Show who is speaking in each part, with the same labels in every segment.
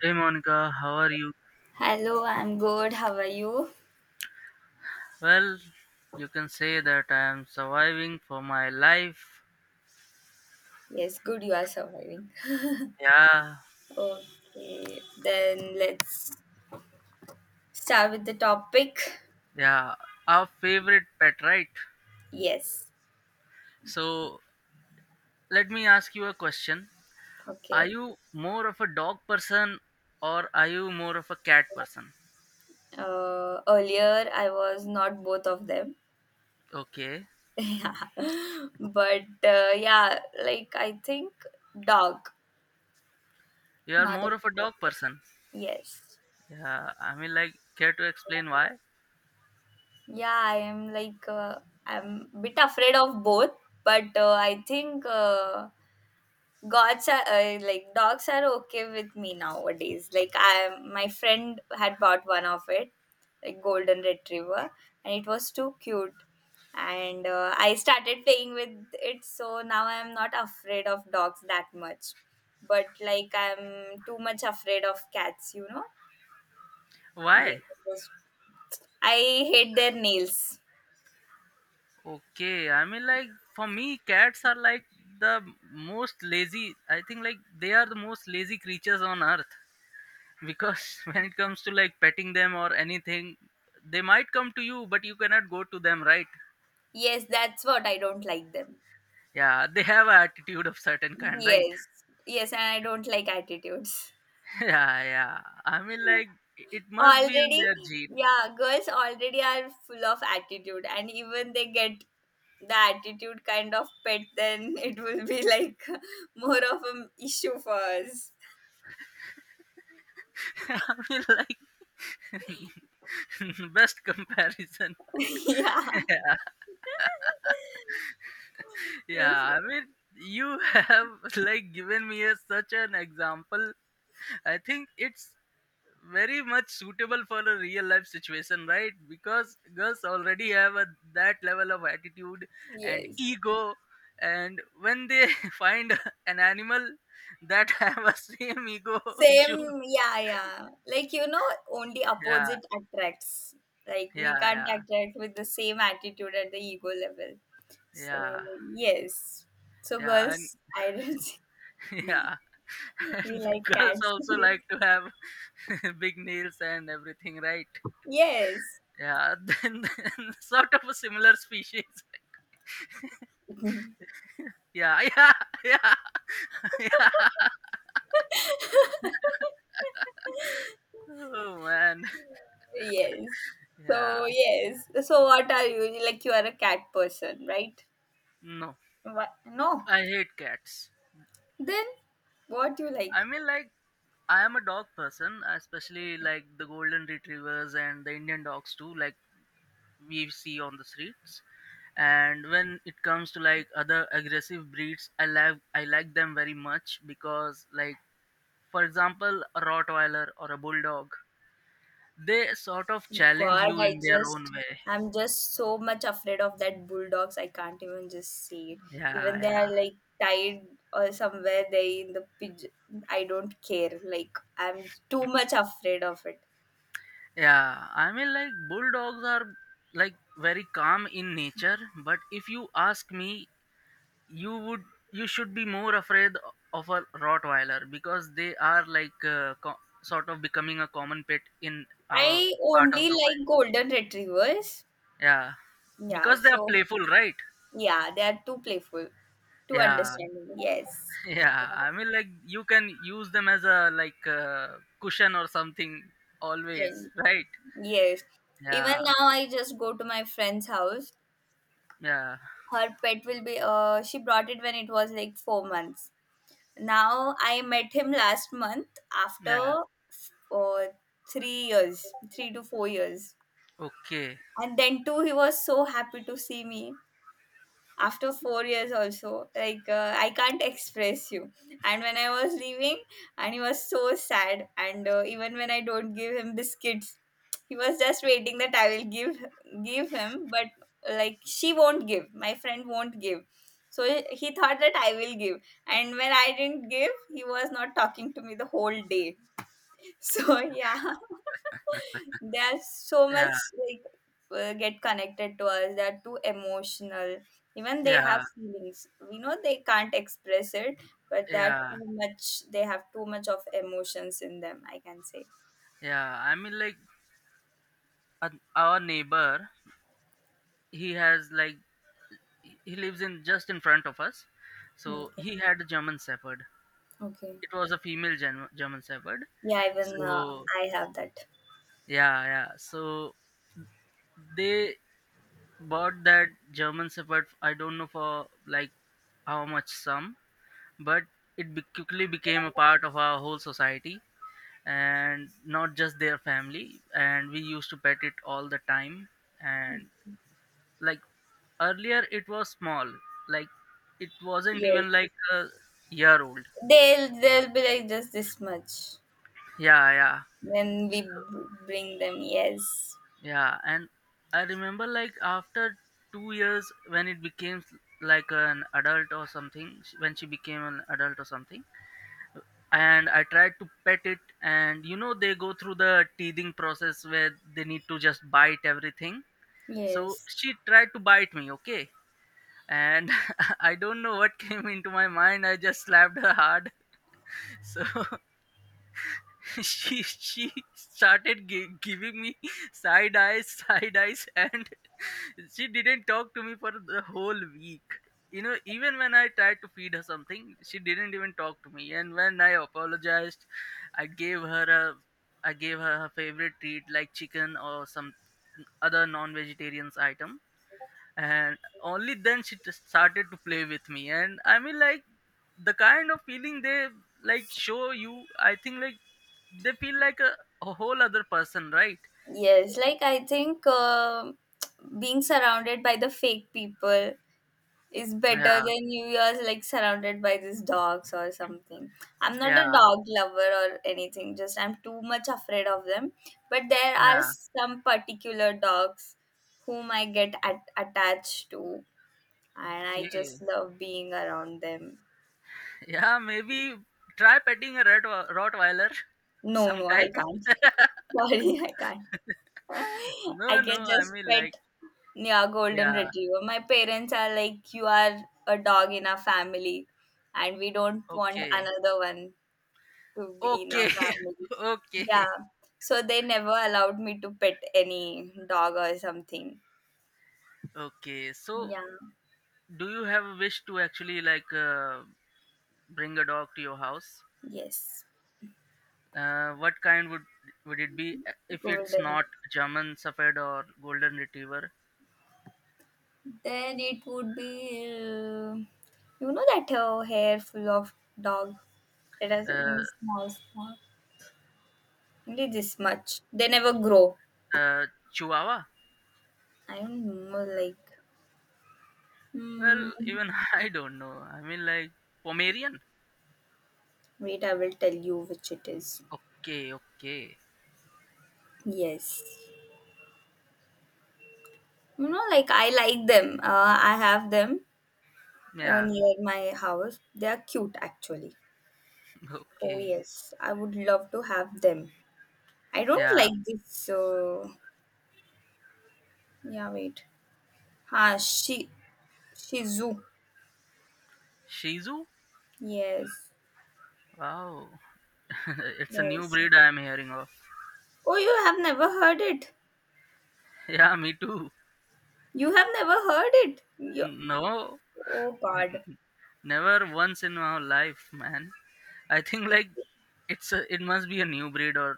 Speaker 1: Hey Monica, how are you?
Speaker 2: Hello, I'm good. How are you?
Speaker 1: Well, you can say that I am surviving for my life.
Speaker 2: Yes, good, you are surviving.
Speaker 1: Yeah,
Speaker 2: Okay, then let's start with the topic.
Speaker 1: yeah, our favorite pet, right?
Speaker 2: Yes,
Speaker 1: So, let me ask you a question. Are
Speaker 2: okay.
Speaker 1: you more of a dog person or are you more of a cat person?
Speaker 2: Earlier, I was not both of them.
Speaker 1: Okay,
Speaker 2: yeah, but uh, yeah, like I think dog,
Speaker 1: you are
Speaker 2: not a
Speaker 1: more of a dog
Speaker 2: cat.
Speaker 1: person.
Speaker 2: Yes.
Speaker 1: Yeah, I mean, like, care to explain why?
Speaker 2: Yeah, I am I'm bit afraid of both, but I think. Gods are like dogs are okay with me nowadays, like I my friend had bought one of it, like golden retriever, and it was too cute, and I started playing with it, so now I'm not afraid of dogs that much, but like I'm too much afraid of cats. They
Speaker 1: Why?
Speaker 2: just, I hate their nails.
Speaker 1: Okay, I mean, like for me, cats are like the most lazy. I think like they are the most lazy creatures on earth because when it comes to like petting them or anything, they might come to you, but you cannot go to them, right?
Speaker 2: Yes, that's what I don't like them.
Speaker 1: Yeah, they have a attitude of certain kind, right?
Speaker 2: Yes, yes, and I don't like attitudes.
Speaker 1: Yeah, yeah. I mean, like it must be in
Speaker 2: Already,
Speaker 1: their gene.
Speaker 2: yeah, girls already are full of attitude, and even they get the attitude kind of pet, then it will be like more of an issue for us.
Speaker 1: I mean, like best comparison.
Speaker 2: Yeah.
Speaker 1: Yeah, I mean, you have like given me a, such an example. I think it's very much suitable for a real life situation, right? Because girls already have a, that level of attitude and
Speaker 2: Yes.
Speaker 1: ego, and when they find an animal that have a same ego issue,
Speaker 2: Same, yeah, yeah. Like, you know, only
Speaker 1: yeah,
Speaker 2: opposite attracts. Like, we
Speaker 1: yeah,
Speaker 2: can't
Speaker 1: yeah,
Speaker 2: attract with the same attitude at the ego level. So,
Speaker 1: yeah.
Speaker 2: yes. So,
Speaker 1: Yeah, and
Speaker 2: girls, I don't
Speaker 1: yeah,
Speaker 2: We
Speaker 1: and
Speaker 2: like
Speaker 1: girls
Speaker 2: cats.
Speaker 1: also like to have big nails and everything, right?
Speaker 2: Yes.
Speaker 1: Yeah, then, sort of a similar species. Yeah, yeah, yeah, yeah. Oh man.
Speaker 2: Yes. So
Speaker 1: Yeah,
Speaker 2: yes. So what are you? Like you are a cat person, right?
Speaker 1: no,
Speaker 2: What? No.
Speaker 1: I hate cats.
Speaker 2: Then what you
Speaker 1: I
Speaker 2: like?
Speaker 1: mean, like, I am a dog person, especially like the golden retrievers and the Indian dogs too, like we see on the streets. And when it comes to like other aggressive breeds, I like them very much because, like, for example, a Rottweiler or a Bulldog, they sort of challenge
Speaker 2: God,
Speaker 1: you in their own way.
Speaker 2: I'm just so much afraid of that bulldogs. I can't even just see it.
Speaker 1: Yeah,
Speaker 2: Even they
Speaker 1: yeah.
Speaker 2: are like tied or somewhere they in the pigeon. I don't care. Like I'm too much afraid of it.
Speaker 1: Yeah, I mean, like, bulldogs are like very calm in nature, but if you ask me, you would you should be more afraid of a Rottweiler because they are like sort of becoming a common pet in our
Speaker 2: I
Speaker 1: part of
Speaker 2: only
Speaker 1: the world.
Speaker 2: like golden retrievers.
Speaker 1: Yeah,
Speaker 2: Yeah.
Speaker 1: because they are
Speaker 2: So
Speaker 1: playful, right?
Speaker 2: yeah, they are too playful, too
Speaker 1: Yeah,
Speaker 2: understanding. Yes.
Speaker 1: yeah. I mean, like, you can use them as a like cushion or something always,
Speaker 2: And
Speaker 1: right?
Speaker 2: yes. Even
Speaker 1: Yeah,
Speaker 2: now I just go to my friend's house.
Speaker 1: yeah,
Speaker 2: Her pet will be she brought it when it was like 4 months. Now I met him last month
Speaker 1: yeah.
Speaker 2: after uh, 3 years, 3 to 4 years.
Speaker 1: Okay,
Speaker 2: And then too he was so happy to see me. After 4 years also, like I can't express you, and when I was leaving, and he was so sad, and even when I don't give him biscuits, he was just waiting that I will give him, but like she won't give my friend won't give, so he thought that I will give, and when I didn't give, he was not talking to me the whole day. So yeah, they are so much
Speaker 1: yeah,
Speaker 2: like get connected to us. They are too emotional. Even they have
Speaker 1: yeah.
Speaker 2: feelings. We know they can't express it, but that
Speaker 1: Yeah,
Speaker 2: too much. They have too much of emotions in them, I can say.
Speaker 1: yeah. I mean, like uh, our neighbor, he has like he lives in just in front of us. So
Speaker 2: Okay.
Speaker 1: he had a German Shepherd.
Speaker 2: Okay.
Speaker 1: It was a female German Shepherd.
Speaker 2: Yeah. Even
Speaker 1: So
Speaker 2: I have that.
Speaker 1: yeah, yeah. So they bought that German Shepherd. I don't know for like how much sum, but it quickly became a part of our whole society and not just their family. And we used to pet it all the time. And like earlier it was small, like it wasn't
Speaker 2: Yes.
Speaker 1: even like a year old.
Speaker 2: They'll be like just this much
Speaker 1: Yeah, yeah,
Speaker 2: when we bring them. Yes.
Speaker 1: yeah. And I remember like after 2 years when it became like an adult or something, when she became an adult or something, and I tried to pet it, and you know they go through the teething process where they need to just bite everything. So
Speaker 2: Yes.
Speaker 1: she tried to bite me, okay, and I don't know what came into my mind. I just slapped her hard. So she started giving me side eyes and she didn't talk to me for the whole week. You know, even when I tried to feed her something, she didn't even talk to me. And when I apologized, i gave her a I gave her her favorite treat like chicken or some other non vegetarian item, and only then she just started to play with me. And I mean, like the kind of feeling they like show you, I think like they feel like a whole other person, right?
Speaker 2: Yes, like I think being surrounded by the fake people is better
Speaker 1: Yeah,
Speaker 2: than you are like surrounded by these dogs or something. I'm not a
Speaker 1: yeah,
Speaker 2: dog lover or anything, just I'm too much afraid of them. But there are
Speaker 1: yeah,
Speaker 2: some particular dogs whom I get attached to, and I
Speaker 1: okay,
Speaker 2: just love being around them.
Speaker 1: yeah, maybe try petting a rat rottweiler
Speaker 2: No, no, I
Speaker 1: sometime.
Speaker 2: can't. Sorry, I can't. I
Speaker 1: No, no,
Speaker 2: can
Speaker 1: I
Speaker 2: just
Speaker 1: mean,
Speaker 2: pet,
Speaker 1: like
Speaker 2: yeah, golden
Speaker 1: yeah,
Speaker 2: retriever. My parents are like, you are a dog in our family, and we don't want
Speaker 1: okay,
Speaker 2: another one to be in our
Speaker 1: okay,
Speaker 2: family.
Speaker 1: okay,
Speaker 2: Yeah. So they never allowed me to pet any dog or something.
Speaker 1: okay so
Speaker 2: Yeah.
Speaker 1: do you have a wish to actually like bring a dog to your house
Speaker 2: Yes.
Speaker 1: What kind would it be if it's
Speaker 2: Golden.
Speaker 1: not German Shepherd or Golden Retriever?
Speaker 2: Then it would be, you know, that hair full of dog that has
Speaker 1: Uh,
Speaker 2: only small, small, only this much. They never grow.
Speaker 1: uh, Chihuahua?
Speaker 2: I don't know, like,
Speaker 1: Well,
Speaker 2: hmm,
Speaker 1: even I don't know. I mean, like Pomerian.
Speaker 2: wait, I will tell you which it is.
Speaker 1: Okay, okay,
Speaker 2: Yes. You know, like I like them. I have them
Speaker 1: yeah,
Speaker 2: near my house. They are cute actually. Oh
Speaker 1: okay,
Speaker 2: yes, I would love to have them. I don't
Speaker 1: yeah.
Speaker 2: like this. Yeah, wait. Ha, she Shizu.
Speaker 1: Shih Tzu?
Speaker 2: Yes,
Speaker 1: Wow, it's a new
Speaker 2: yes.
Speaker 1: breed I'm hearing of.
Speaker 2: Oh, you have never heard it.
Speaker 1: Yeah, me too.
Speaker 2: You have never heard it. You,
Speaker 1: No,
Speaker 2: oh God.
Speaker 1: never once in my life, man. I think like it's a, it must be a new breed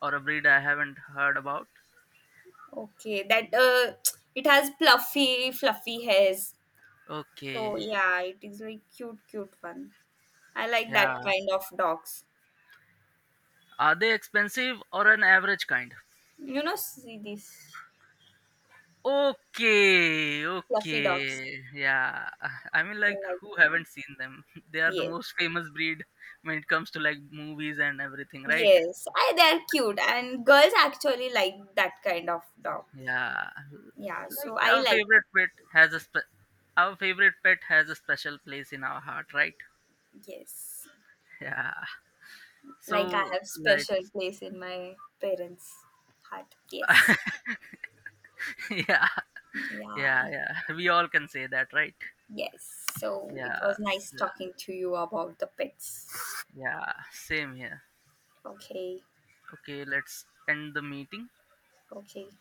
Speaker 1: or a breed I haven't heard about.
Speaker 2: Okay, that it has fluffy, fluffy hairs. So
Speaker 1: Okay.
Speaker 2: yeah, it is like cute, cute one. I like that
Speaker 1: Yeah.
Speaker 2: kind of dogs.
Speaker 1: Are they expensive or an average kind?
Speaker 2: You know, see these
Speaker 1: Okay.
Speaker 2: fluffy dogs.
Speaker 1: Okay. Yeah. I mean, like,
Speaker 2: Like
Speaker 1: who
Speaker 2: them.
Speaker 1: haven't seen them? They are the
Speaker 2: Yes.
Speaker 1: most famous breed when it comes to like movies and everything, right?
Speaker 2: Yes. I they're cute and girls actually like that kind of dog.
Speaker 1: Yeah.
Speaker 2: Yeah,
Speaker 1: Like
Speaker 2: so I
Speaker 1: our
Speaker 2: like them.
Speaker 1: favorite pet has a our favorite pet has a special place in our heart, right?
Speaker 2: Yes.
Speaker 1: Yeah.
Speaker 2: Like I
Speaker 1: So
Speaker 2: have
Speaker 1: like,
Speaker 2: special place in my parents' heart. Yes.
Speaker 1: yeah, yeah,
Speaker 2: Yeah.
Speaker 1: yeah. We all can say that, right?
Speaker 2: Yes. So it
Speaker 1: Yeah.
Speaker 2: was nice talking to you about the pets.
Speaker 1: Yeah. Same here.
Speaker 2: Okay.
Speaker 1: Okay, let's end the meeting.
Speaker 2: Okay.